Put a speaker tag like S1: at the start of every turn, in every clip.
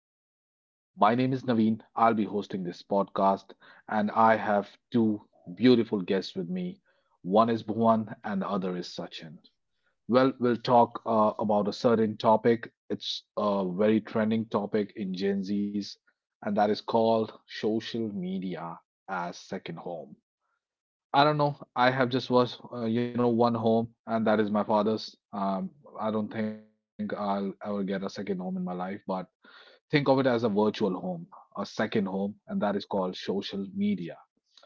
S1: podcast. My name is Naveen. I'll be hosting this podcast, and I have two beautiful guests with me. One is Bhuvan, and the other is Sachin. Well, we'll talk about a certain topic. It's a very trending topic in Gen Z's, and that is called social media as second home. I don't know. I have just watched, one home, and that is my father's. I don't think I'll ever get a second home in my life, but think of it as a virtual home, a second home, and that is called social media.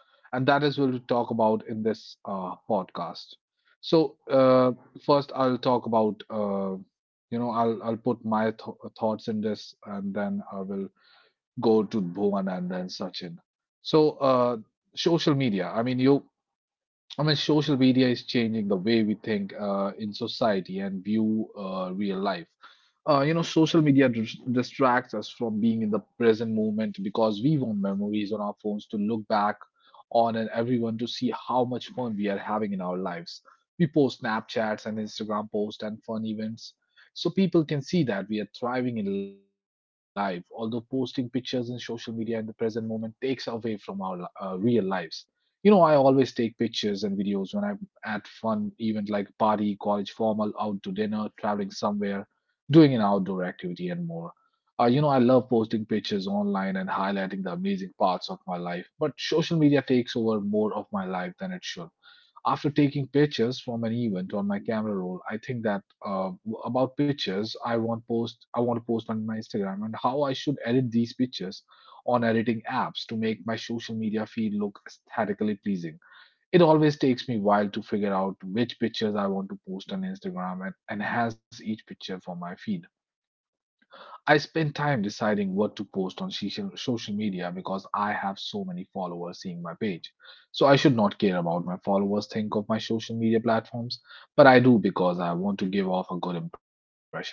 S1: And that is what we talk about in this podcast. So uh, First, I'll talk about, I'll put my thoughts in this, and then I will go to Bhuvan and then Sachin. So uh, Social media. You I mean, social media is changing the way we think in society and view real life. Social media distracts us from being in the present moment because we want memories on our phones to look back on and everyone to see how much fun we are having in our lives. We post Snapchats and Instagram posts and fun events so people can see that we are thriving in life, although posting pictures in social media in the present moment takes away from our real lives. You know, I always take pictures and videos when I'm at fun event like party, college formal, out to dinner, traveling somewhere, doing an outdoor activity and more. I love posting pictures online and highlighting the amazing parts of my life, but social media takes over more of my life than it should. After taking pictures from an event on my camera roll, I think that about pictures I want to post on my Instagram and how I should edit these pictures on editing apps to make my social media feed look aesthetically pleasing. It always takes me a while to figure out which pictures I want to post on Instagram and enhance each picture for my feed. I spend time deciding what to post on social media because I have so many followers seeing my page. So I should not care about my followers think of my social media platforms, but I do because I want to give off a good impression online.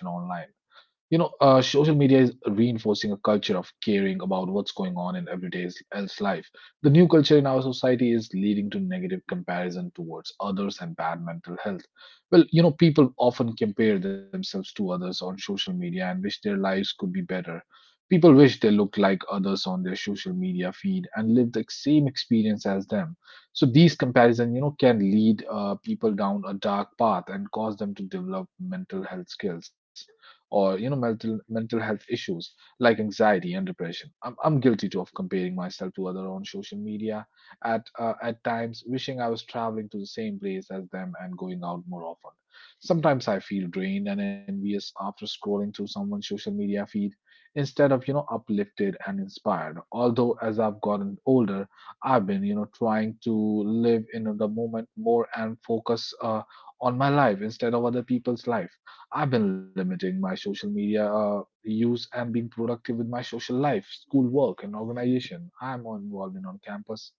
S1: Social media is reinforcing a culture of caring about what's going on in everyday else life. The new culture in our society is leading to negative comparison towards others and bad mental health. Well, people often compare themselves to others on social media and wish their lives could be better. People wish they looked like others on their social media feed and lived the same experience as them. So these comparison, you know, can lead people down a dark path and cause them to develop mental health skills, or you know mental health issues like anxiety and depression. I'm guilty too of comparing myself to other on social media at times, wishing I was traveling to the same place as them and going out more often. Sometimes I feel drained and envious after scrolling through someone's social media feed instead of you know uplifted and inspired. Although as I've gotten older, I've been you know trying to live in the moment more and focus on my life instead of other people's life. I've been limiting my social media use and being productive with my social life, school work, and organization. I'm more involved in on campus,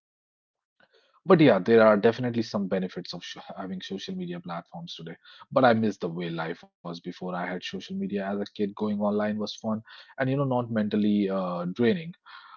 S1: but yeah, there are definitely some benefits of sh having social media platforms today. But I miss the way life was before I had social media as a kid. Going online was fun and, you know, not mentally draining.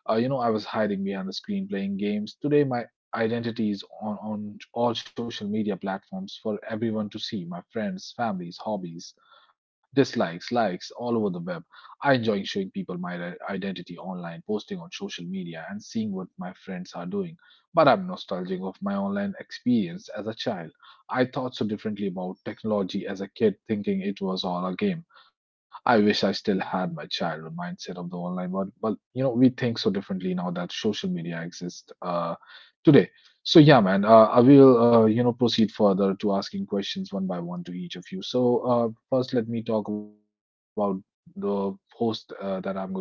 S1: I was hiding behind the screen playing games. Today, my identity is on all social media platforms for everyone to see my friends, families, hobbies, dislikes, likes, all over the web. I enjoy showing people my identity online, posting on social media, and seeing what my friends are doing, but I'm nostalgic of my online experience as a child. I thought so differently about technology as a kid, thinking it was all a game. I wish I still had my childhood mindset of the online world, but you know, we think so differently now that social media exists today. I will you know proceed further to asking questions one by one to each of you. First, let me talk about the host that I'm going to question,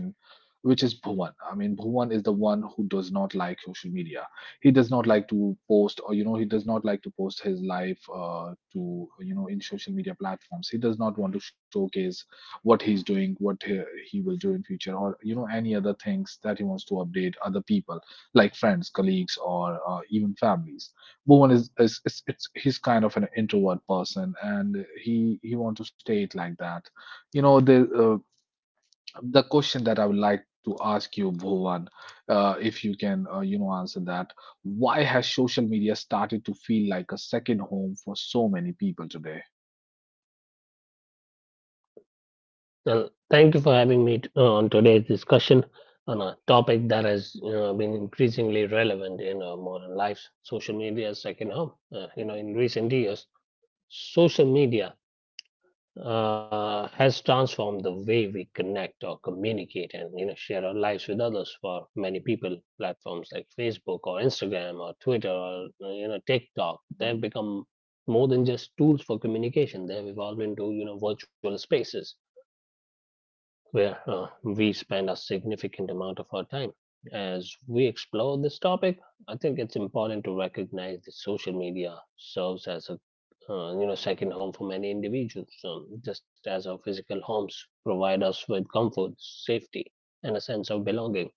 S1: which is Bhuvan. I mean, Bhuvan is the one who does not like social media. He does not like to post, or you know he does not like to post his life to you know in social media platforms. He does not want to showcase what he's doing, what he will do in future, or you know any other things that he wants to update other people like friends, colleagues, or even families. Bhuvan is it's he's kind of an introvert person and he want to stay it like that, you know there. The question that I would like to ask you, Bhuvan, if you can, answer that. Why has social media started to feel like a second home for so many people today?
S2: Well, thank you for having me on today's discussion on a topic that has been increasingly relevant in our modern lives, social media's second home. In recent years, social media has transformed the way we connect or communicate, and share our lives with others. For many people, platforms like Facebook or Instagram or Twitter or TikTok, they've become more than just tools for communication. They've evolved into virtual spaces where we spend a significant amount of our time. As we explore this topic, I think it's important to recognize that social media serves as a second home for many individuals. Just as our physical homes provide us with comfort, safety, and a sense of belonging,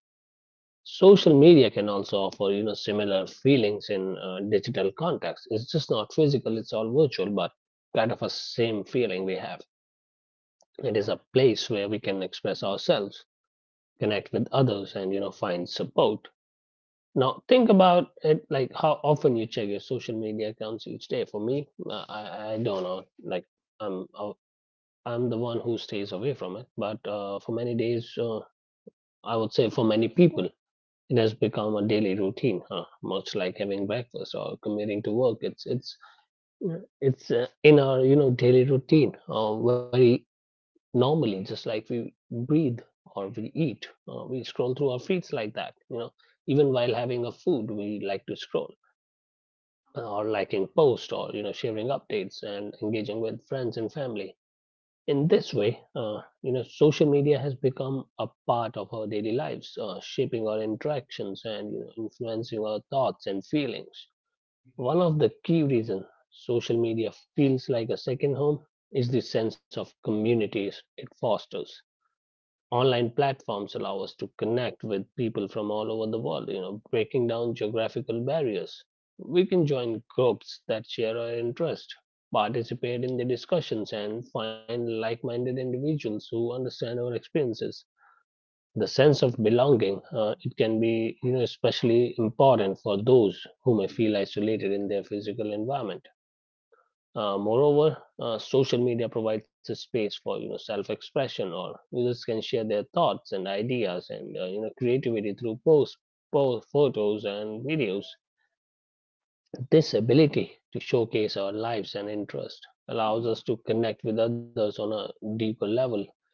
S2: social media can also offer similar feelings in digital context. It's just not physical; it's all virtual, but kind of a same feeling we have. It is a place where we can express ourselves, connect with others, and find support. Now think about it, like how often you check your social media accounts each day. For me, I don't know, like i'm i I'm the one who stays away from it, but for many days, I would say for many people, it has become a daily routine, huh? Much like having breakfast or commuting to work, it's in our daily routine, very normally. Just like we breathe or we eat, we scroll through our feeds like that. Even while having a food, we like to scroll, or liking posts, or sharing updates and engaging with friends and family. In this way, social media has become a part of our daily lives, shaping our interactions and influencing our thoughts and feelings. One of the key reasons social media feels like a second home is the sense of communities it fosters. Online platforms allow us to connect with people from all over the world, breaking down geographical barriers. We can join groups that share our interest, participate in the discussions, and find like-minded individuals who understand our experiences. The sense of belonging, it can be especially important for those who may feel isolated in their physical environment. Moreover, social media provides a space for self-expression, or users can share their thoughts and ideas and creativity through posts, posts, photos, and videos. This ability to showcase our lives and interests allows us to connect with others on a deeper level.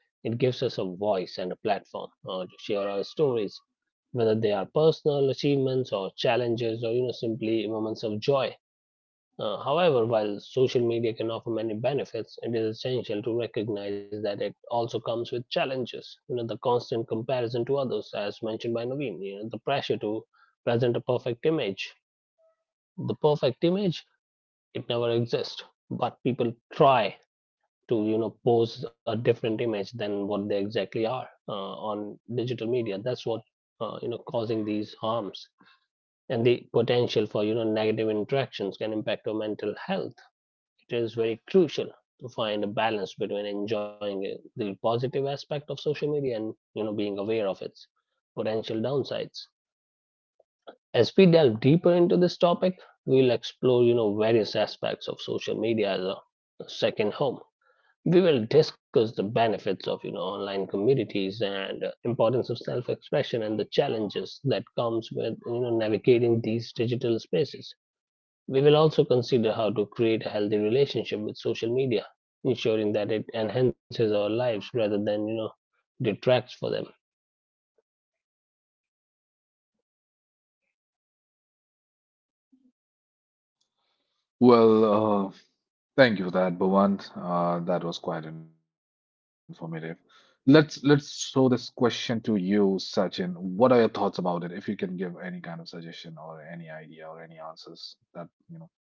S2: It gives us a voice and a platform to share our stories, whether they are personal achievements or challenges, or simply moments of joy. However, while social media can offer many benefits, it is essential to recognize that it also comes with challenges. You know, the constant comparison to others, as mentioned by Naveen, the pressure to present a perfect image. The perfect image, it never exists, but people try to, pose a different image than what they exactly are on digital media. That's what, causing these harms. And the potential for, negative interactions can impact our mental health. It is very crucial to find a balance between enjoying the positive aspect of social media and being aware of its potential downsides. As we delve deeper into this topic, we'll explore various aspects of social media as a second home. We will discuss the benefits of online communities, and importance of self expression, and the challenges that comes with navigating these digital spaces. We will also consider how to create a healthy relationship with social media, ensuring that it enhances our lives rather than detracts for them.
S1: Well, thank you for that, Bhuvan. That was quite informative. Let's throw this question to you, Sachin. What are your thoughts about it? If you can give any kind of suggestion or any idea or any answers that, you know, yeah.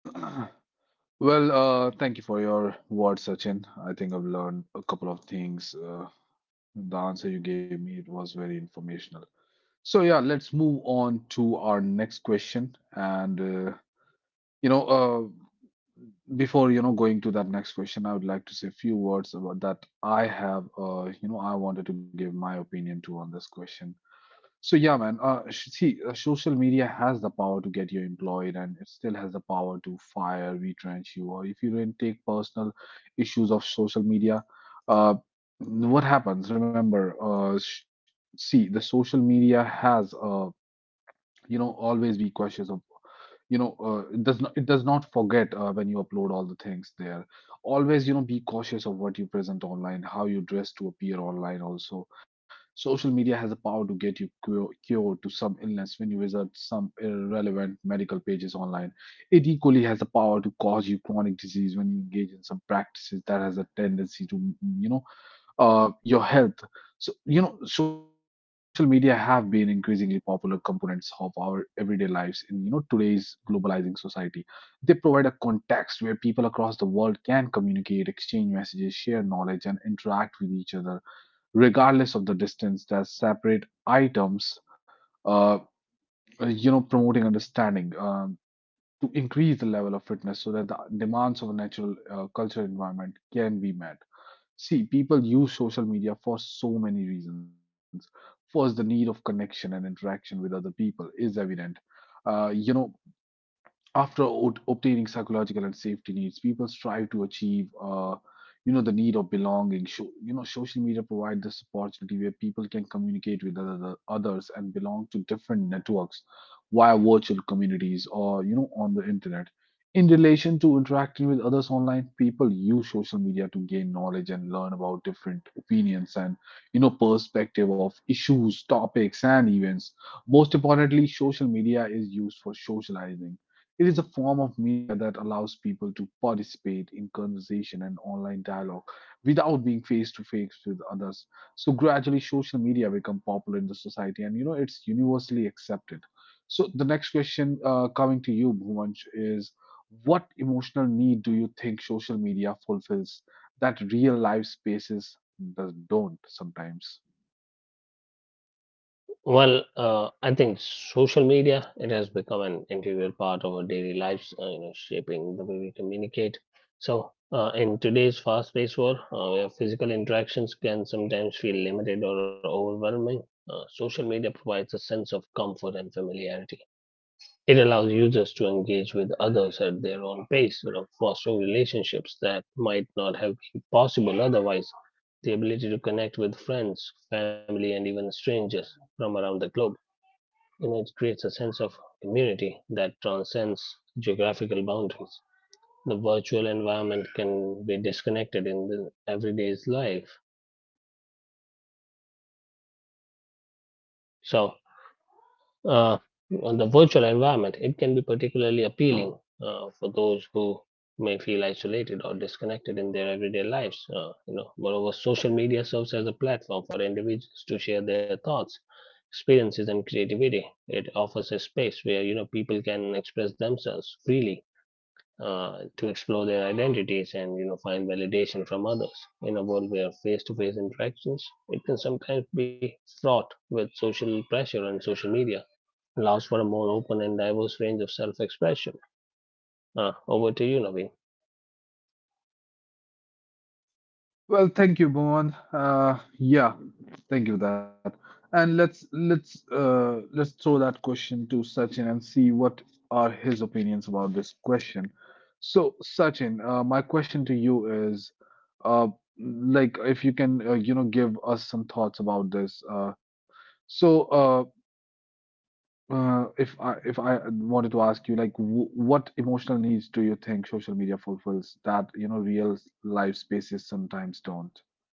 S1: Well, thank you for your words, Sachin. I think I've learned a couple of things. The answer you gave me, it was very informational. So yeah, let's move on to our next question. You know, uh, Before you know going to that next question, I would like to say a few words about that. I have, I wanted to give my opinion too on this question. See, social media has the power to get you employed, and it still has the power to fire, retrench you, or if you didn't take personal issues of social media, uh, what happens? Remember, see, the social media has you know always be cautious of you know it does not forget when you upload all the things there. Always you know be cautious of what you present online, how you dress to appear online. Also, social media has the power to get you cured to some illness when you visit some irrelevant medical pages online. It equally has the power to cause you chronic disease when you engage in some practices that has a tendency to you know your health. So, you know, social media have been increasingly popular components of our everyday lives in, you know, today's globalizing society. They provide a context where people across the world can communicate, exchange messages, share knowledge, and interact with each other, regardless of the distance that separate items. Uh, promoting understanding. To increase the level of fitness so that the demands of a natural culture environment can be met. See, people use social media for so many reasons. First, the need of connection and interaction with other people is evident. Uh, you know, After obtaining psychological and safety needs, people strive to achieve you know the need of belonging. So, you know social media provide this opportunity where people can communicate with others and belong to different networks via virtual communities or you know on the internet. In relation to interacting with others online, people use social media to gain knowledge and learn about different opinions and you know perspective of issues, topics, and events. Most importantly, social media is used for socializing. It is a form of media that allows people to participate in conversation and online dialogue without being face to face with others. So gradually social media become popular in the society, and you know it's universally accepted. So the next question coming to you, Bhuvansh, is what emotional need do you think social media fulfills that real life spaces don't sometimes?
S2: Well, I think social media, it has become an integral part of our daily lives, shaping the way we communicate. So, in today's fast-paced world, where physical interactions can sometimes feel limited or overwhelming, social media provides a sense of comfort and familiarity. It allows users to engage with others at their own pace, sort of fostering relationships that might not have been possible otherwise. The ability to connect with friends, family, and even strangers from around the globe, it creates a sense of community that transcends geographical boundaries. The virtual environment can be disconnected in the everyday's life. So, uh, on the virtual environment, it can be particularly appealing for those who may feel isolated or disconnected in their everyday lives. Moreover, social media serves as a platform for individuals to share their thoughts, experiences, and creativity. It offers a space where people can express themselves freely. To explore their identities and find validation from others. In a world where face-to-face interactions, it can sometimes be fraught with social pressure on social media, allows for a more open and diverse range of self expression. Over to you, Naveen.
S1: Well, thank you, Bhuvan. Yeah, thank you for that. And let's throw that question to Sachin and see what are his opinions about this question. So, Sachin, my question to you is, uh, like, if you can, give us some thoughts about this. So, uh, if I wanted to ask you, like, w what emotional needs do you think social media fulfills that, real life spaces sometimes don't?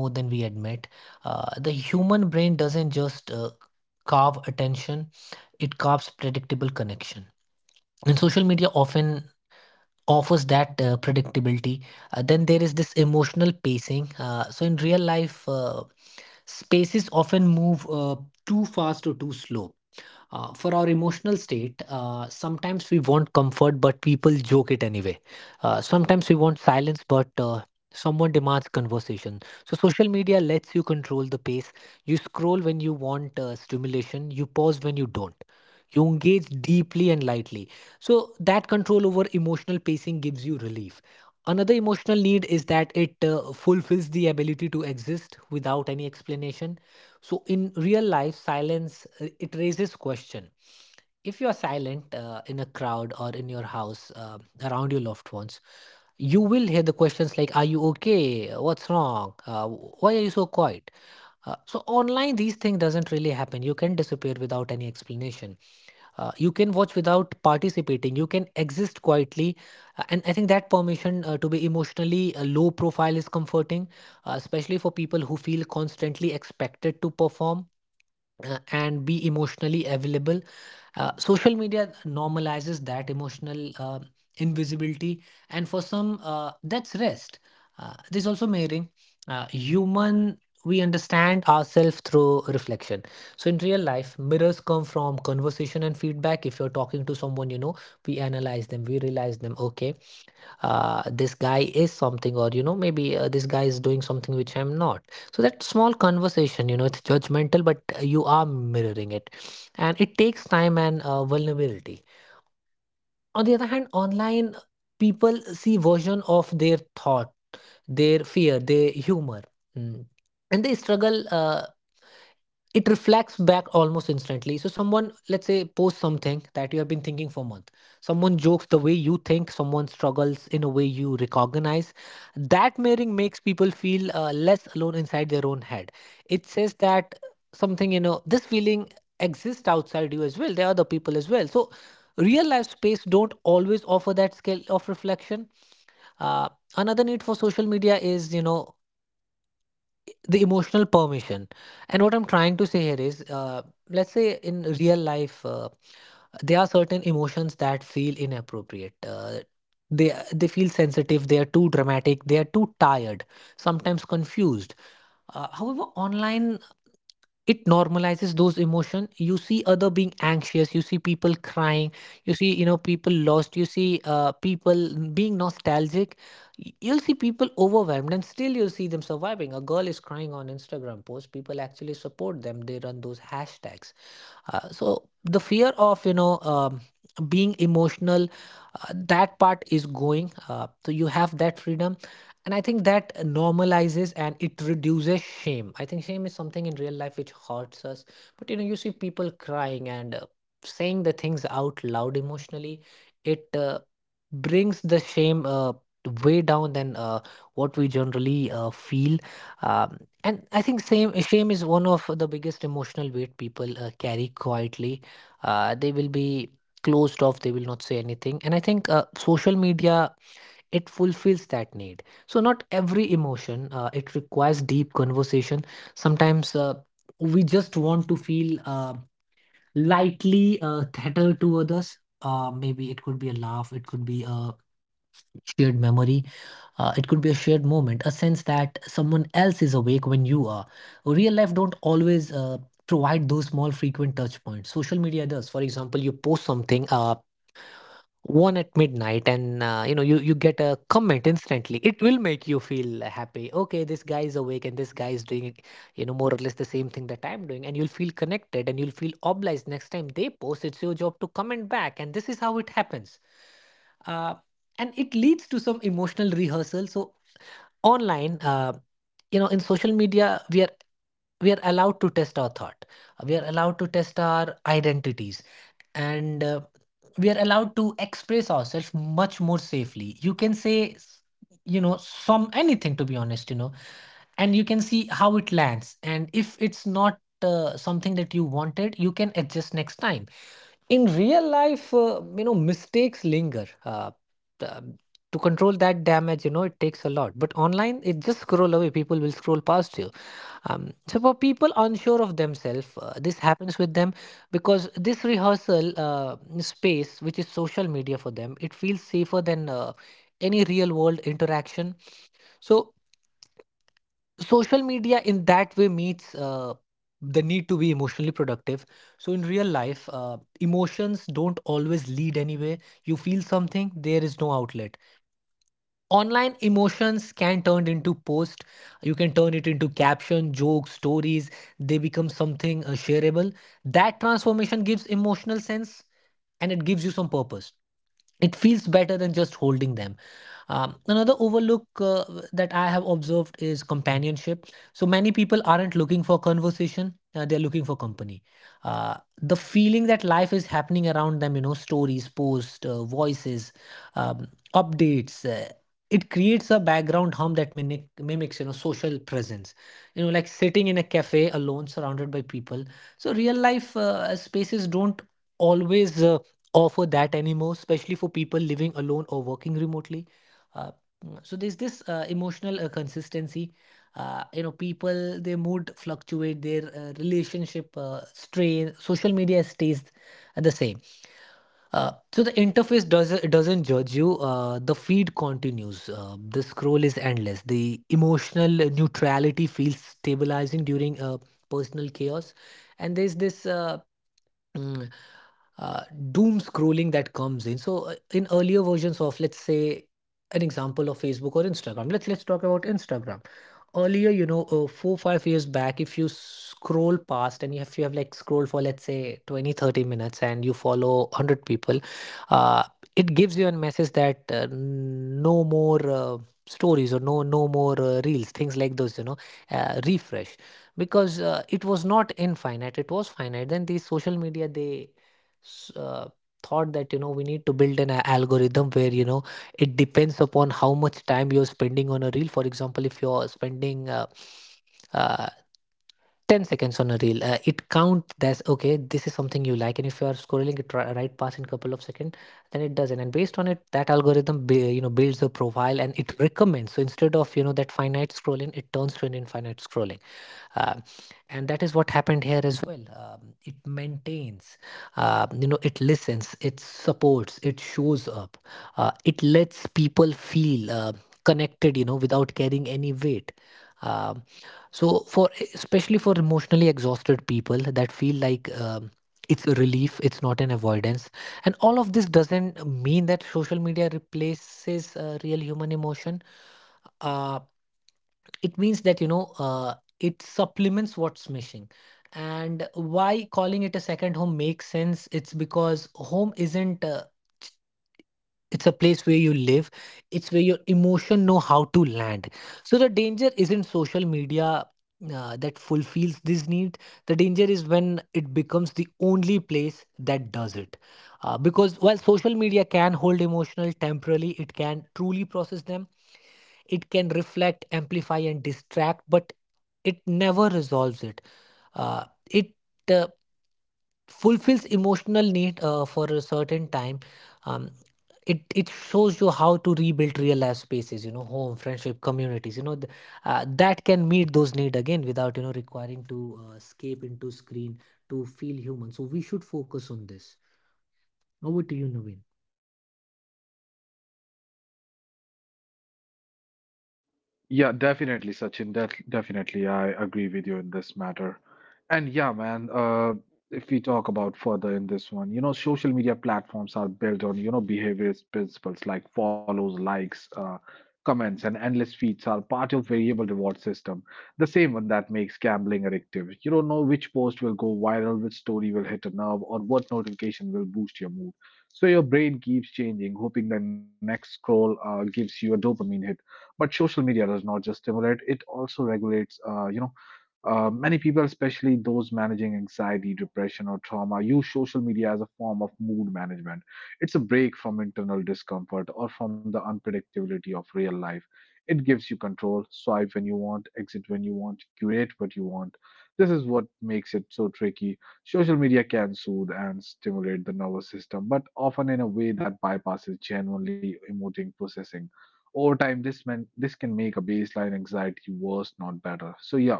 S1: Yeah, definitely, Sachin. Definitely, I agree with you in this matter. And yeah, man, if we talk about further in this one, you know, social media platforms are built on, you know, behaviorist principles like follows, likes, comments, and endless feeds are part of variable reward system, the same one that makes gambling addictive. You don't know which post will go viral, which story will hit a nerve, or what notification will boost your mood. So your brain keeps changing, hoping the next scroll gives you a dopamine hit, but social media does not just stimulate; it also regulates. Many people, especially those managing anxiety, depression, or trauma, use social media as a form of mood management. It's a break from internal discomfort or from the unpredictability of real life. It gives you control: swipe when you want, exit when you want, curate what you want. This is what makes it so tricky. Social media can soothe and stimulate the nervous system, but often in a way that bypasses genuinely emoting processing. Over time, this can make a baseline anxiety worse, not better. So, yeah,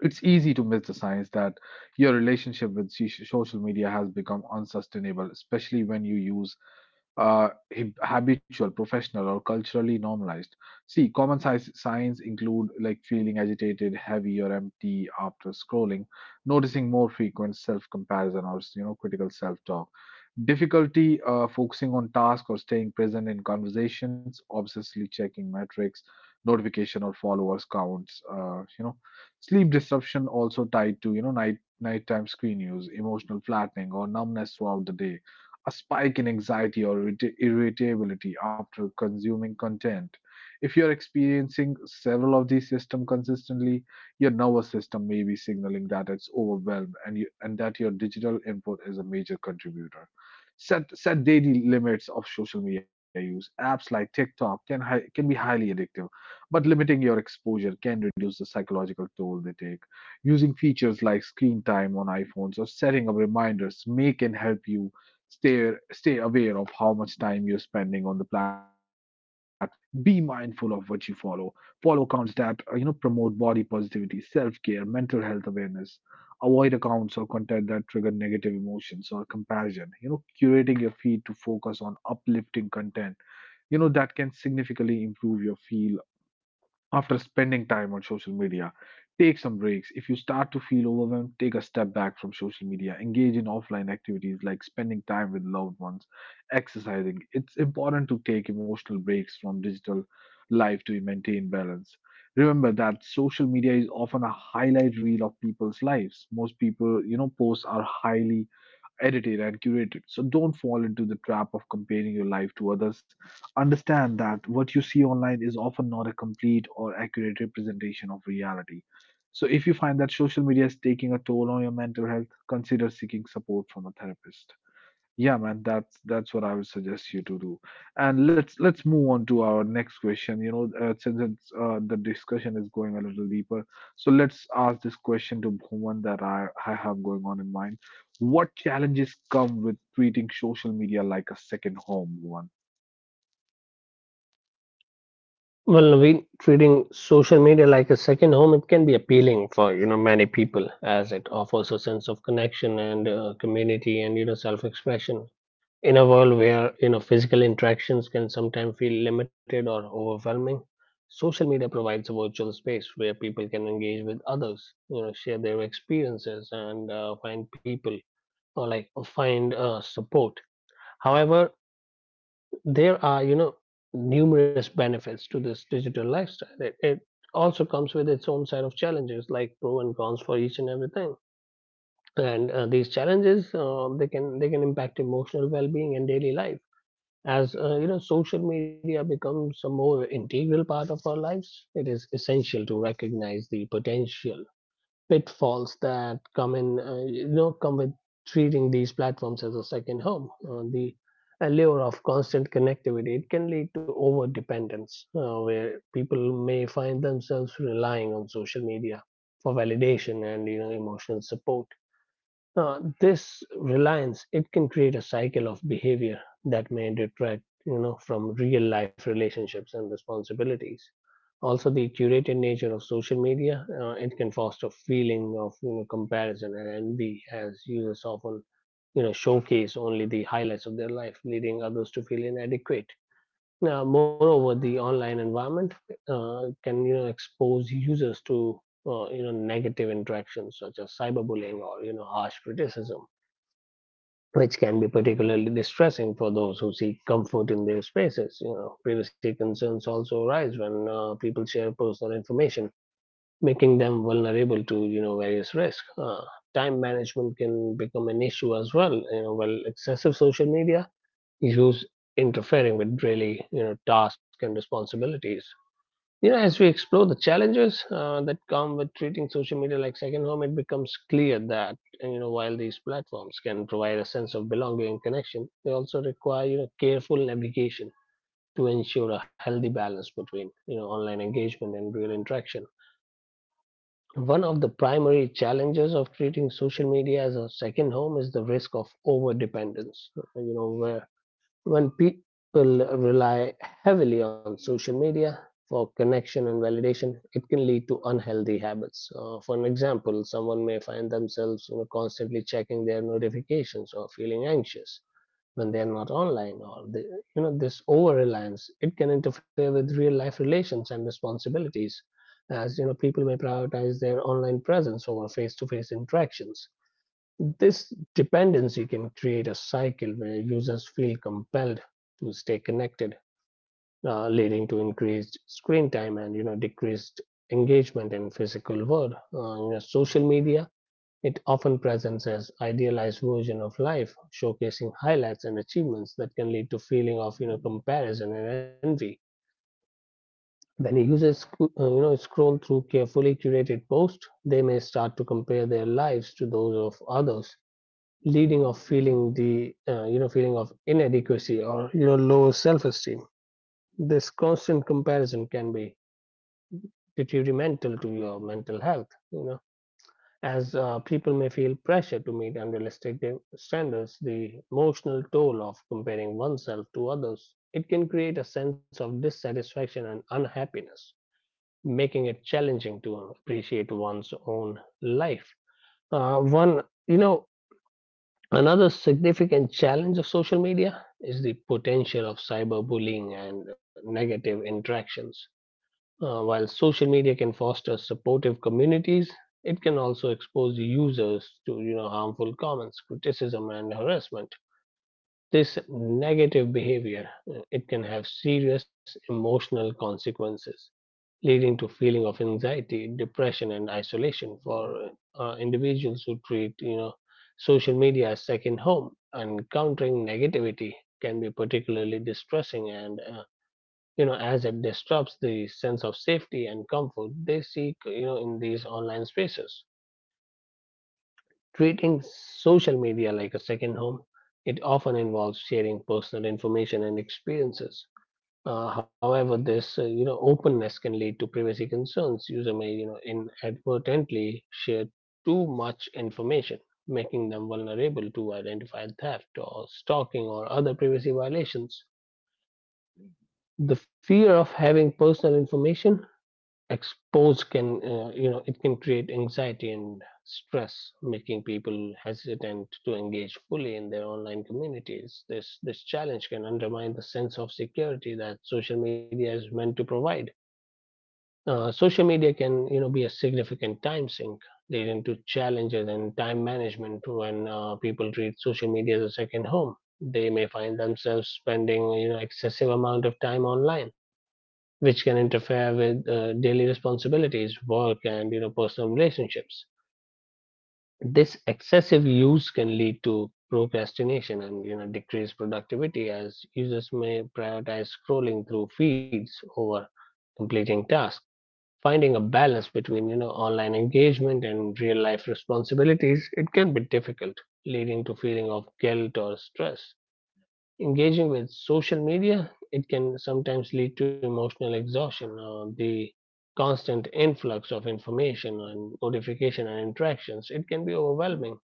S1: it's easy to miss the signs that your relationship with social media has become unsustainable, especially when you use habitual, professional, or culturally normalized. See, common signs include like feeling agitated, heavy, or empty after scrolling, noticing more frequent self-comparison or you know critical self-talk, difficulty focusing on task or staying present in conversations, obsessively checking metrics, notification or followers counts. Sleep disruption also tied to you know nighttime screen use, emotional flattening, or numbness throughout the day, a spike in anxiety or irritability after consuming content. If you're experiencing several of these systems consistently, your nervous system may be signaling that it's overwhelmed and that your digital input is a major contributor. Set daily limits of social media use. Apps like TikTok can be highly addictive, but limiting your exposure can reduce the psychological toll they take. Using features like screen time on iPhones or setting up reminders may can help you stay aware of how much time you're spending on the platform. Be mindful of what you follow. Follow accounts that you know promote body positivity, self-care, mental health awareness. Avoid accounts or content that trigger negative emotions or comparison. You know, curating your feed to focus on uplifting content. You know that can significantly improve your feel after spending time on social media. Take some breaks. If you start to feel overwhelmed, take a step back from social media. Engage in offline activities like spending time with loved ones, exercising. It's important to take emotional breaks from digital life to maintain balance. Remember that social media is often a highlight reel of people's lives. Most people, you know, posts are highly edited and curated. So don't fall into the trap of comparing your life to others. Understand that what you see online is often not a complete or accurate representation of reality. So if you find that social media is taking a toll on your mental health, consider seeking support from a therapist. Yeah, man, that's what I would suggest you to do. And let's move on to our next question. You know, since it's, the discussion is going a little deeper, so let's ask this question to Bhuvan that I have going on in mind. What challenges come with treating social media like a second home, Bhuvan?
S2: Well, Naveen, treating social media like a second home, it can be appealing for many people, as it offers a sense of connection, and community, and self-expression. In a world where physical interactions can sometimes feel limited or overwhelming, social media provides a virtual space where people can engage with others, share their experiences and find people, or like find support. However, there are numerous benefits to this digital lifestyle. It also comes with its own set of challenges, like pro and cons for each and everything. And these challenges, they can impact emotional well-being and daily life. As social media becomes a more integral part of our lives, it is essential to recognize the potential pitfalls that come in, come with treating these platforms as a second home. The allure of constant connectivity, it can lead to over dependence, where people may find themselves relying on social media for validation and emotional support. This reliance, it can create a cycle of behavior that may detract from real life relationships and responsibilities. Also, the curated nature of social media, it can foster feeling of comparison and envy, as users often showcase only the highlights of their life, leading others to feel inadequate. Now, moreover, the online environment can expose users to negative interactions, such as cyberbullying or harsh criticism, which can be particularly distressing for those who seek comfort in their spaces. You know, privacy concerns also arise when people share personal information, making them vulnerable to various risks. Time management can become an issue as well. You know, while excessive social media use interfering with daily tasks and responsibilities. You know, as we explore the challenges that come with treating social media like second home, it becomes clear that while these platforms can provide a sense of belonging and connection, they also require careful navigation to ensure a healthy balance between online engagement and real interaction. One of the primary challenges of treating social media as a second home is the risk of over dependence. You know, where when people rely heavily on social media for connection and validation, it can lead to unhealthy habits. For an example, someone may find themselves constantly checking their notifications or feeling anxious when they are not online, or they, this over reliance, it can interfere with real life relations and responsibilities, as people may prioritize their online presence over face to face interactions. This dependency can create a cycle where users feel compelled to stay connected, leading to increased screen time and decreased engagement in physical world. Social media, it often presents as idealized version of life, showcasing highlights and achievements that can lead to feeling of comparison and envy. When users scroll through carefully curated posts, they may start to compare their lives to those of others, leading of feeling the feeling of inadequacy or low self-esteem. This constant comparison can be detrimental to your mental health. As people may feel pressure to meet standards, the emotional toll of comparing oneself to others, it can create a sense of dissatisfaction and unhappiness, making it challenging to appreciate one's own life. Uh, one, you know, Another significant challenge of social media is the potential of cyberbullying and negative interactions. While social media can foster supportive communities, it can also expose users to harmful comments, criticism, and harassment. This negative behavior, it can have serious emotional consequences, leading to feeling of anxiety, depression, and isolation for individuals who treat social media as second home. And countering negativity can be particularly distressing, and as it disrupts the sense of safety and comfort they seek in these online spaces. Treating social media like a second home, it often involves sharing personal information and experiences. However, this openness can lead to privacy concerns. User may inadvertently share too much information, making them vulnerable to identify theft or stalking or other privacy violations. The fear of having personal information exposed can, it can create anxiety and stress, making people hesitant to engage fully in their online communities. This challenge can undermine the sense of security that social media is meant to provide. Social media can be a significant time sink, leading to challenges in time management. When people treat social media as a second home, they may find themselves spending excessive amount of time online, which can interfere with daily responsibilities, work, and personal relationships. This excessive use can lead to procrastination and decreased productivity, as users may prioritize scrolling through feeds over completing tasks. Finding a balance between online engagement and real life responsibilities, it can be difficult, leading to feeling of guilt or stress. Engaging with social media, it can sometimes lead to emotional exhaustion, or the constant influx of information and notification and interactions. It can be overwhelming,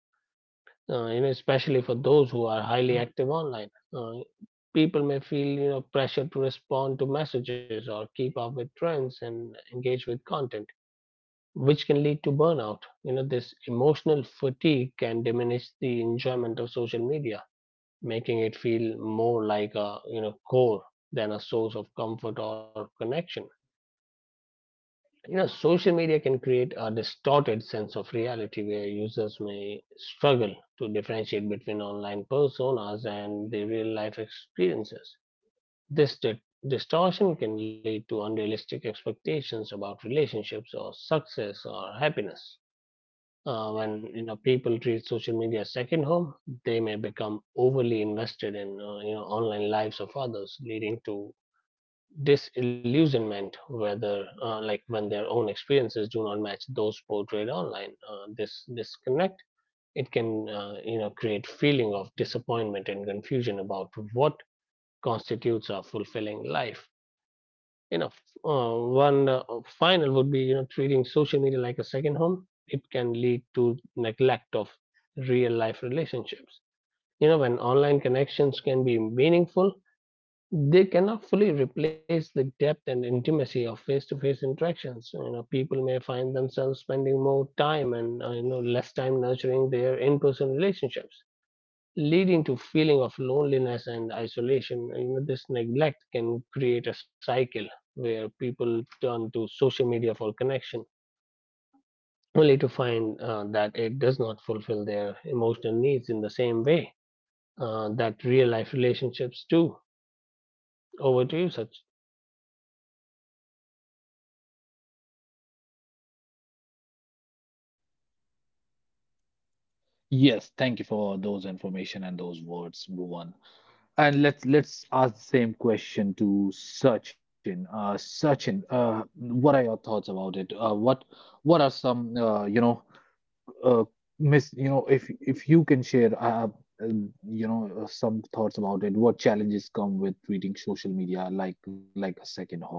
S2: especially for those who are highly active online. People may feel, pressure to respond to messages or keep up with trends and engage with content, which can lead to burnout. This emotional fatigue can diminish the enjoyment of social media, making it feel more like a core than a source of comfort or connection. Social media can create a distorted sense of reality, where users may struggle to differentiate between online personas and their real life experiences. this di- distortion can lead to unrealistic expectations about relationships or success or happiness. When people treat social media as second home, they may become overly invested in online lives of others, leading to disillusionment. Whether, like when their own experiences do not match those portrayed online, this disconnect, it can create feeling of disappointment and confusion about what constitutes a fulfilling life. you know uh, One final would be, treating social media like a second home, it can lead to neglect of real life relationships. When online connections can be meaningful, they cannot fully replace the depth and intimacy of face-to-face interactions. People may find themselves spending more time and less time nurturing their in-person relationships, leading to feeling of loneliness and isolation. This neglect can create a cycle where people turn to social media for connection, only to find that it does not fulfill their emotional needs in the same way that real life relationships do. Over to you, Sach.
S1: Yes, thank you for those information and those words, Bhuvan. And let's ask the same question to Sachin. Sachin, what are your thoughts about it? What are some you know uh, miss you know if you can share some thoughts about it? What challenges come with treating social media like a second home?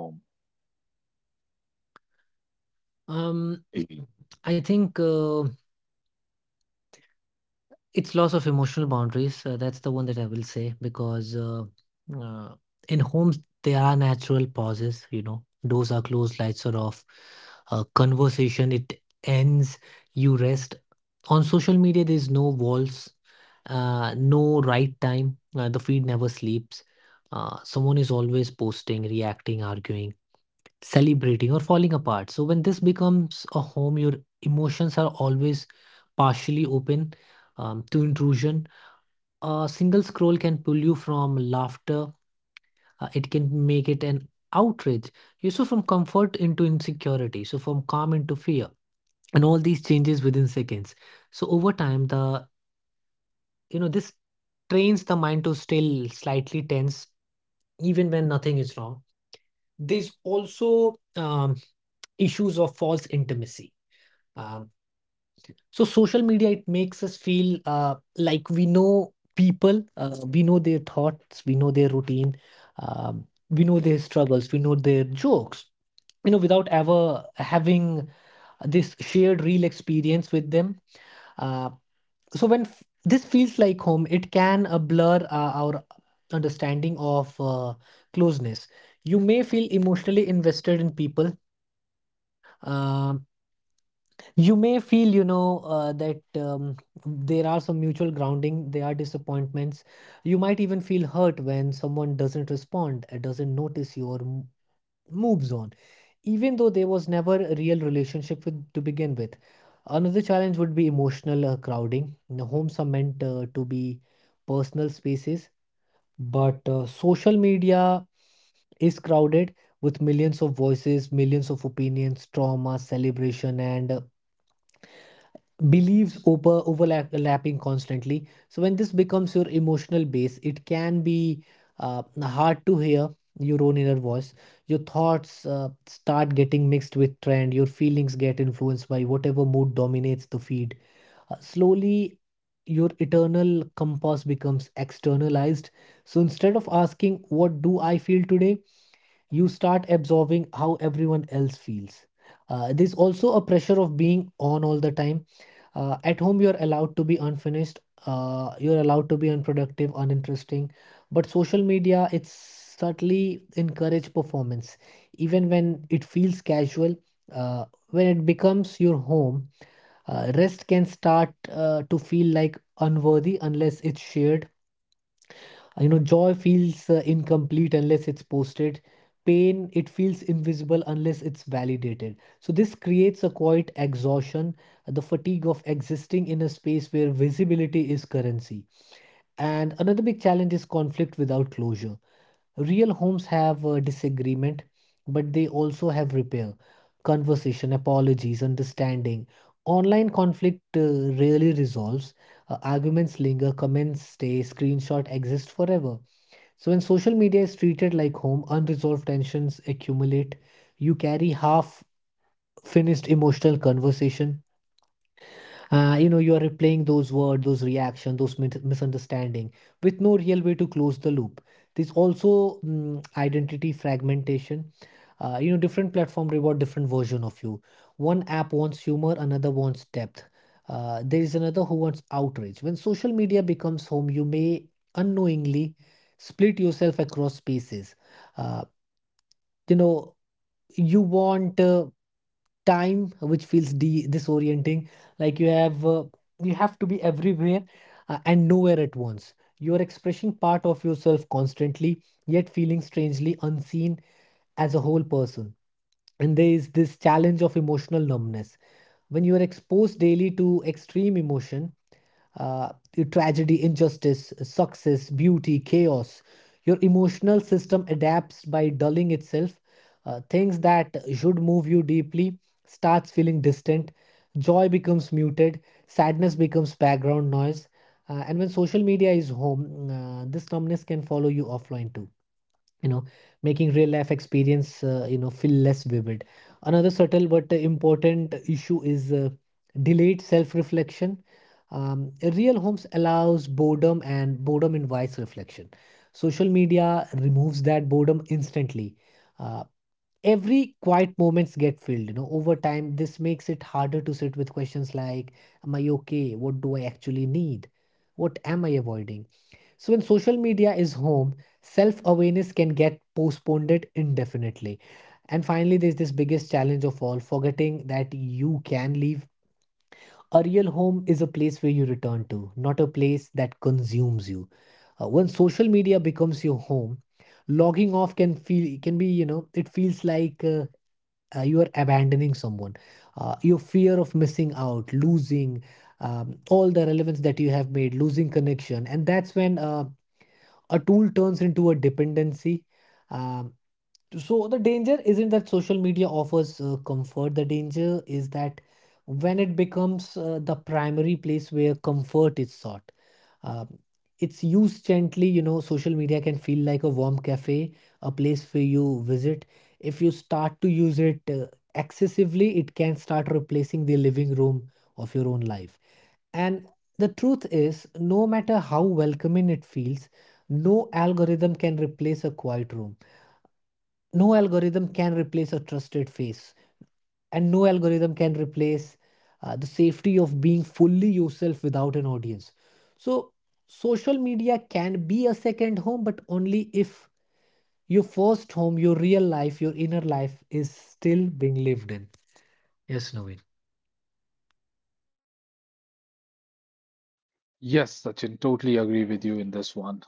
S1: Yes, Sachin, totally agree with you in this one.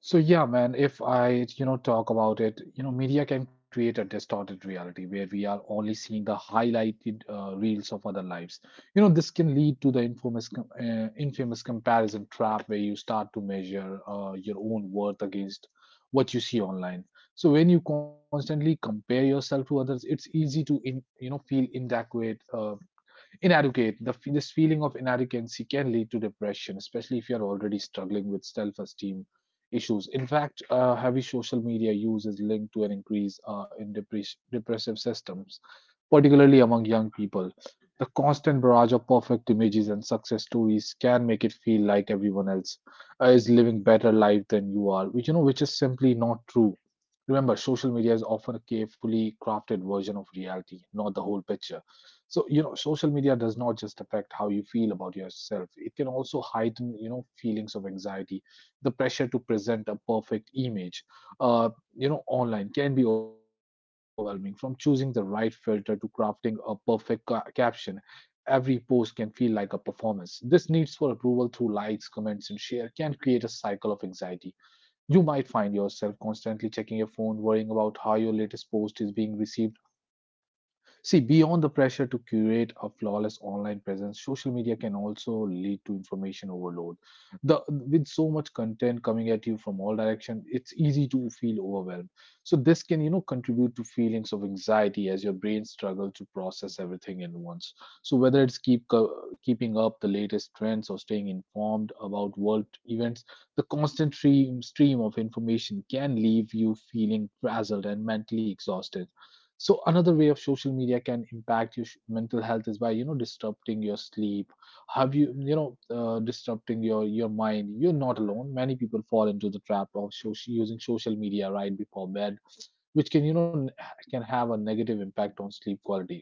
S1: So yeah, man, if I, you know, talk about it, you know, media can create a distorted reality where we are only seeing the highlighted reels of other lives. You know, this can lead to the infamous comparison trap where you start to measure your own worth against what you see online. So when you constantly compare yourself to others, it's easy to, you know, feel inadequate, inadequate the this feeling of inadequacy can lead to depression, especially if you are already struggling with self-esteem issues. In fact, heavy social media use is linked to an increase in depressive systems, particularly among young people. The constant barrage of perfect images and success stories can make it feel like everyone else is living better life than you are, which you know which is simply not true. Remember, social media is often a carefully crafted version of reality, not the whole picture. So you know social media does not just affect how you feel about yourself, it can also heighten you know feelings of anxiety. The pressure to present a perfect image uh, you know online can be overwhelming. From choosing the right filter to crafting a perfect caption, every post can feel like a performance. This needs for approval through likes, comments and share can create a cycle of anxiety. You might find yourself constantly checking your phone, worrying about how your latest post is being received. See, beyond the pressure to curate a flawless online presence, social media can also lead to information overload. The With so much content coming at you from all direction, it's easy to feel overwhelmed. So this can, you know, contribute to feelings of anxiety as your brain struggles to process everything at once. So whether it's keeping up the latest trends or staying informed about world events, the constant stream of information can leave you feeling frazzled and mentally exhausted. So another way of social media can impact your mental health is by you know disrupting your sleep. Have you you know Disrupting your mind, you're not alone. Many people fall into the trap of using social media right before bed, which can you know can have a negative impact on sleep quality.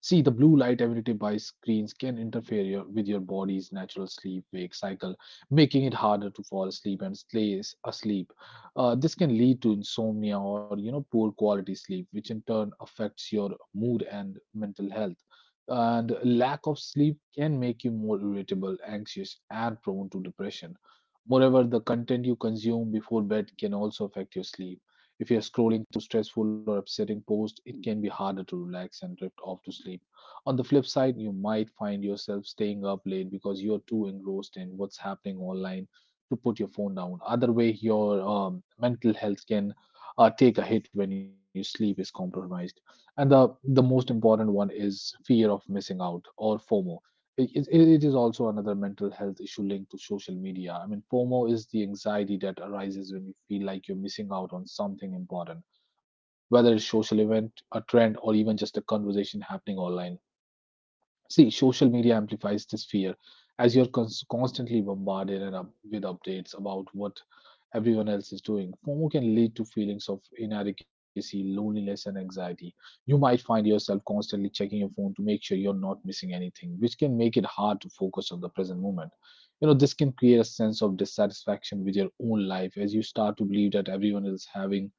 S1: See, the blue light emitted by screens can interfere with your body's natural sleep-wake cycle, making it harder to fall asleep and stay asleep. This can lead to insomnia or you know poor quality sleep, which in turn affects your mood and mental health. And lack of sleep can make you more irritable, anxious, and prone to depression. Moreover, the content you consume before bed can also affect your sleep. If you're scrolling through stressful or upsetting posts, it can be harder to relax and drift off to sleep. On the flip side, you might find yourself staying up late because you're too engrossed in what's happening online to put your phone down. Other way, your mental health can take a hit when your sleep is compromised. And the most important one is fear of missing out, or FOMO. It is also another mental health issue linked to social media. I mean, FOMO is the anxiety that arises when you feel like you're missing out on something important, whether it's social event, a trend, or even just a conversation happening online. See, social media amplifies this fear as you're constantly bombarded and with updates about what everyone else is doing. FOMO can lead to feelings of inadequacy, loneliness, and anxiety. You might find yourself constantly checking your phone to make sure you're not missing anything, which can make it hard to focus on the present moment. You know, this can create a sense of dissatisfaction with your own life as you start to believe that everyone is having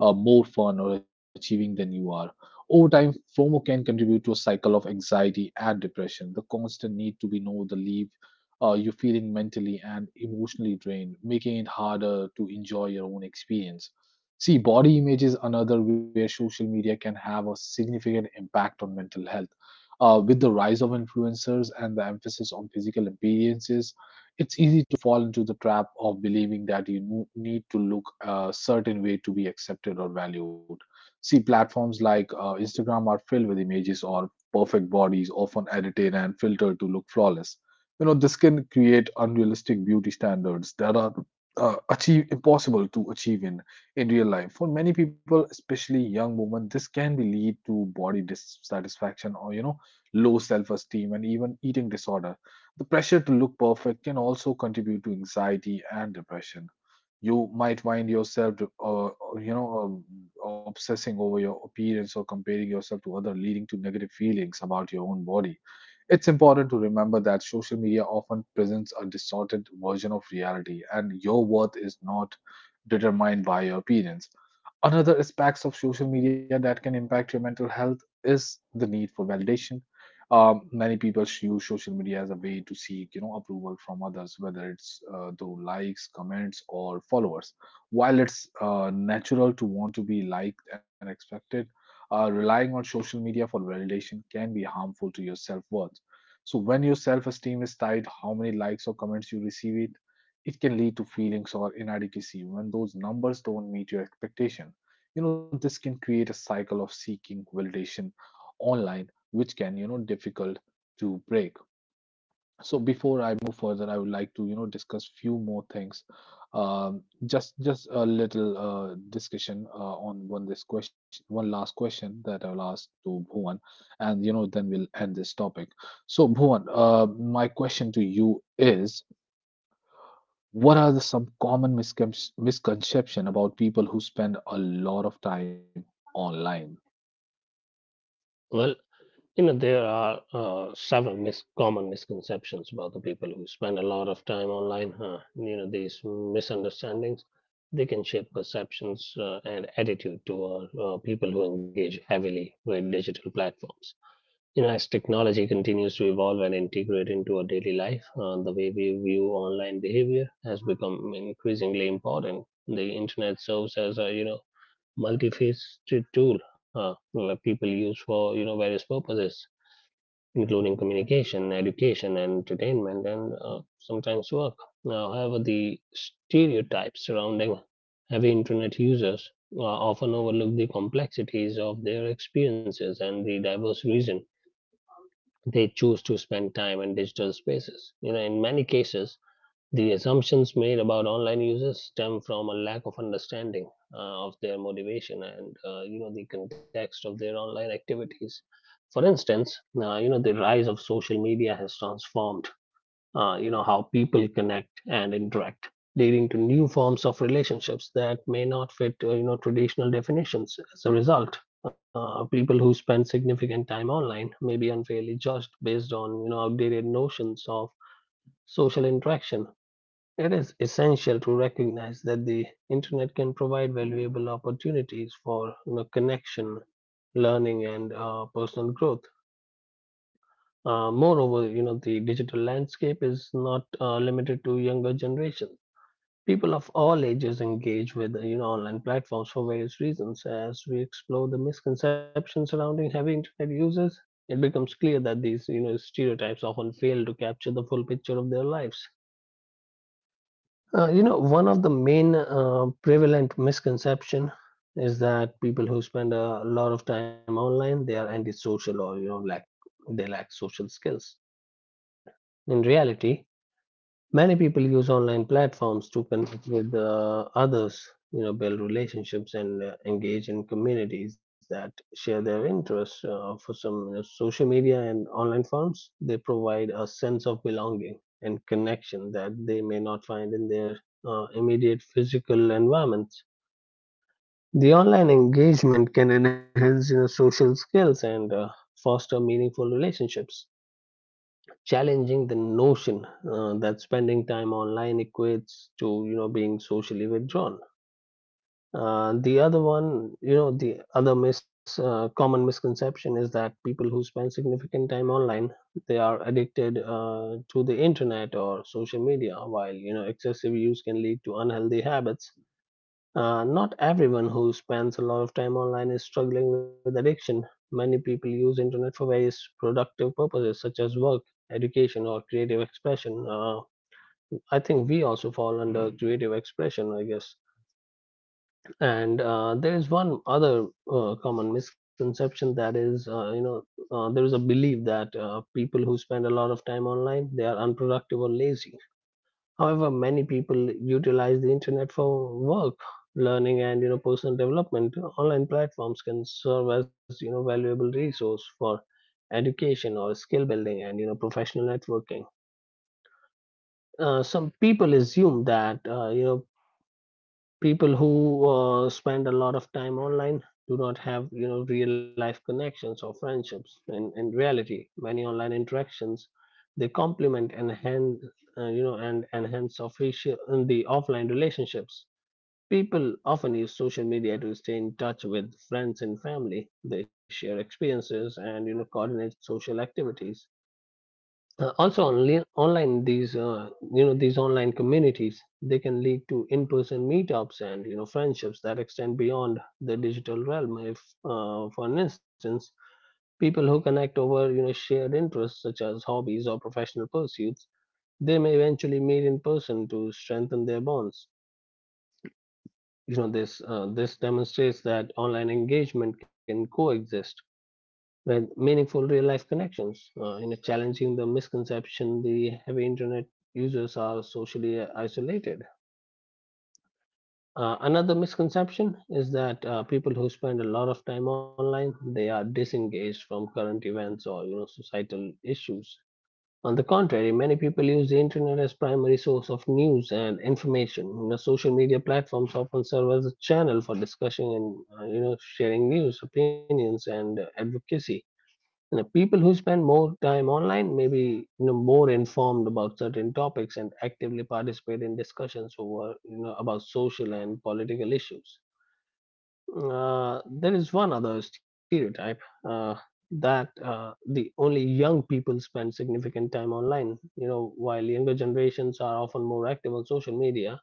S1: more fun, or achieving than you are. Over time, FOMO can contribute to a cycle of anxiety and depression. The constant need to be know the leave you feeling mentally and emotionally drained, making it harder to enjoy your own experience. See, body image is another where social media can have a significant impact on mental health. With the rise of influencers and the emphasis on physical appearances, it's easy to fall into the trap of believing that you need to look a certain way to be accepted or valued. See, platforms like Instagram are filled with images or perfect bodies, often edited and filtered to look flawless. You know, this can create unrealistic beauty standards that are achieve impossible to achieve in real life. For many people, especially young women, this can be lead to body dissatisfaction or you know low self esteem and even eating disorder. The pressure to look perfect can also contribute to anxiety and depression. You might find yourself, you know, um, obsessing over your appearance or comparing yourself to other, leading to negative feelings about your own body. It's important to remember that social media often presents a distorted version of reality, and your worth is not determined by your appearance. Another aspects of social media that can impact your mental health is the need for validation. Many people use social media as a way to seek, you know, approval from others, whether it's through likes, comments, or followers. While it's natural to want to be liked and expected, relying on social media for validation can be harmful to your self worth. So when your self-esteem is tied how many likes or comments you receive it, it can lead to feelings or inadequacy when those numbers don't meet your expectation. You know, this can create a cycle of seeking validation online, which can, you know, difficult to break. So before I move further, I would like to, you know, discuss few more things. Just a little discussion on one this question, one last question that I'll ask to Bhuvan, and you know, then we'll end this topic. So Bhuvan, my question to you is, what are the, some common misconception about people who spend a lot of time online?
S2: Well, you know, there are several common misconceptions about the people who spend a lot of time online. Huh? You know, these misunderstandings, they can shape perceptions and attitude toward people who engage heavily with digital platforms. You know, as technology continues to evolve and integrate into our daily life, the way we view online behavior has become increasingly important. The internet serves as a, you know, multifaceted tool that people use for, you know, various purposes, including communication, education, entertainment, and sometimes work. Now, however, the stereotypes surrounding heavy internet users often overlook the complexities of their experiences and the diverse reason they choose to spend time in digital spaces. You know, in many cases, the assumptions made about online users stem from a lack of understanding of their motivation and, you know, the context of their online activities. For instance, you know, the rise of social media has transformed, you know, how people connect and interact, leading to new forms of relationships that may not fit, you know, traditional definitions. As a result, people who spend significant time online may be unfairly judged based on, you know, outdated notions of social interaction. It is essential to recognize that the internet can provide valuable opportunities for, you know, connection, learning, and personal growth. Moreover, you know, the digital landscape is not limited to younger generations. People of all ages engage with, you know, online platforms for various reasons. As we explore the misconceptions surrounding heavy internet users, it becomes clear that these, you know, stereotypes often fail to capture the full picture of their lives. You know, one of the main prevalent misconception is that people who spend a lot of time online, they are antisocial, or, you know, lack they lack social skills. In reality, many people use online platforms to connect with others, you know, build relationships and engage in communities that share their interests. For some, you know, social media and online forums, they provide a sense of belonging and connection that they may not find in their immediate physical environments. The online engagement can enhance, you know, social skills and foster meaningful relationships, challenging the notion that spending time online equates to, you know, being socially withdrawn. The other one, you know, the other mis common misconception is that people who spend significant time online, they are addicted to the internet or social media. While, you know, excessive use can lead to unhealthy habits, not everyone who spends a lot of time online is struggling with addiction. Many people use internet for various productive purposes, such as work, education, or creative expression. I think we also fall under creative expression, I guess. And there is one other common misconception, that is, there is a belief that people who spend a lot of time online, they are unproductive or lazy. However, many people utilize the internet for work, learning, and, you know, personal development. Online platforms can serve as, you know, valuable resource for education or skill building and, you know, professional networking. Some people assume that, you know, people who spend a lot of time online do not have, you know, real life connections or friendships. In reality, many online interactions, they complement and enhance, and enhance official in the offline relationships. People often use social media to stay in touch with friends and family. They share experiences and, you know, coordinate social activities. Also, online, these, these online communities, they can lead to in-person meetups and, you know, friendships that extend beyond the digital realm. If, for an instance, people who connect over, you know, shared interests such as hobbies or professional pursuits, they may eventually meet in person to strengthen their bonds. This demonstrates that online engagement can coexist with meaningful real life connections, you know, challenging the misconception the heavy internet users are socially isolated. Another misconception is that people who spend a lot of time online, they are disengaged from current events or, you know, societal issues. On the contrary, many people use the internet as primary source of news and information. You know, social media platforms often serve as a channel for discussion and, you know, sharing news, opinions, and advocacy. You know, people who spend more time online may be, you know, more informed about certain topics and actively participate in discussions over, you know, about social and political issues. There is one other stereotype, uh, that the only young people spend significant time online. You know, while younger generations are often more active on social media,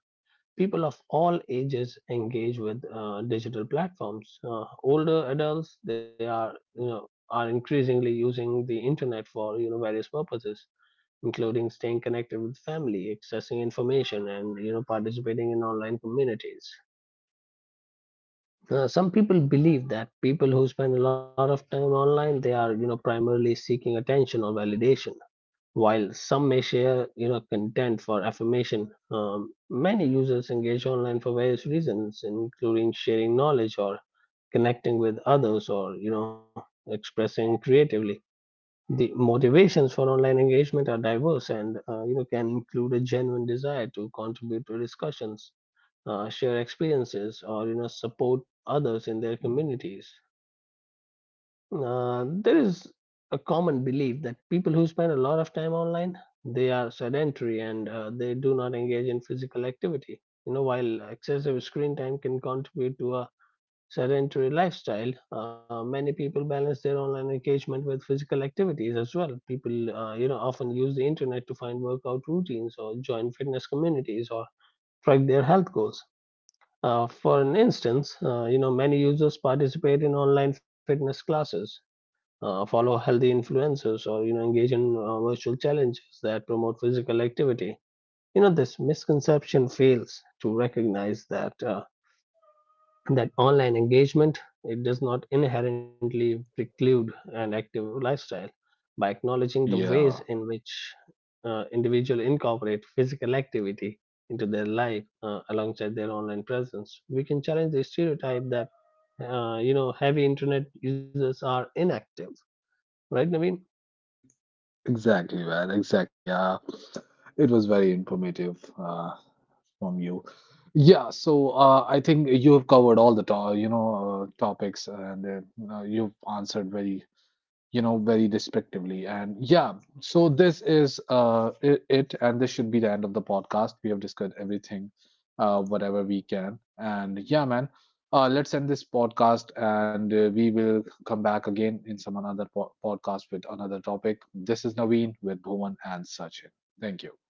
S2: people of all ages engage with digital platforms. Older adults, they are, you know, are increasingly using the internet for, you know, various purposes, including staying connected with family, accessing information, and, you know, participating in online communities. Some people believe that people who spend a lot of time online, they are, you know, primarily seeking attention or validation. While some may share, you know, content for affirmation, many users engage online for various reasons, including sharing knowledge, or connecting with others, or, you know, expressing creatively. The motivations for online engagement are diverse and, you know, can include a genuine desire to contribute to discussions, share experiences, or, you know, support others in their communities. There is a common belief that people who spend a lot of time online, they are sedentary and, they do not engage in physical activity. You know, while excessive screen time can contribute to a sedentary lifestyle, many people balance their online engagement with physical activities as well. People, you know, often use the internet to find workout routines, or join fitness communities, or track their health goals. For an instance, you know, many users participate in online fitness classes, follow healthy influencers, or, you know, engage in virtual challenges that promote physical activity. You know, this misconception fails to recognize that online engagement, it does not inherently preclude an active lifestyle. By acknowledging the ways
S1: Yeah.
S2: in which individuals incorporate physical activity into their life, alongside their online presence, we can challenge the stereotype that, you know, heavy internet users are inactive. Right, Naveen?
S1: Exactly, man. Exactly. Yeah, it was very informative from you. Yeah, so I think you have covered all the to you know topics, and you know, you've answered very you know, very despectively. And yeah, so this is and this should be the end of the podcast. We have discussed everything, whatever we can. And yeah, man, let's end this podcast and we will come back again in some another podcast with another topic. This is Naveen with Bhuvan and Sachin. Thank you.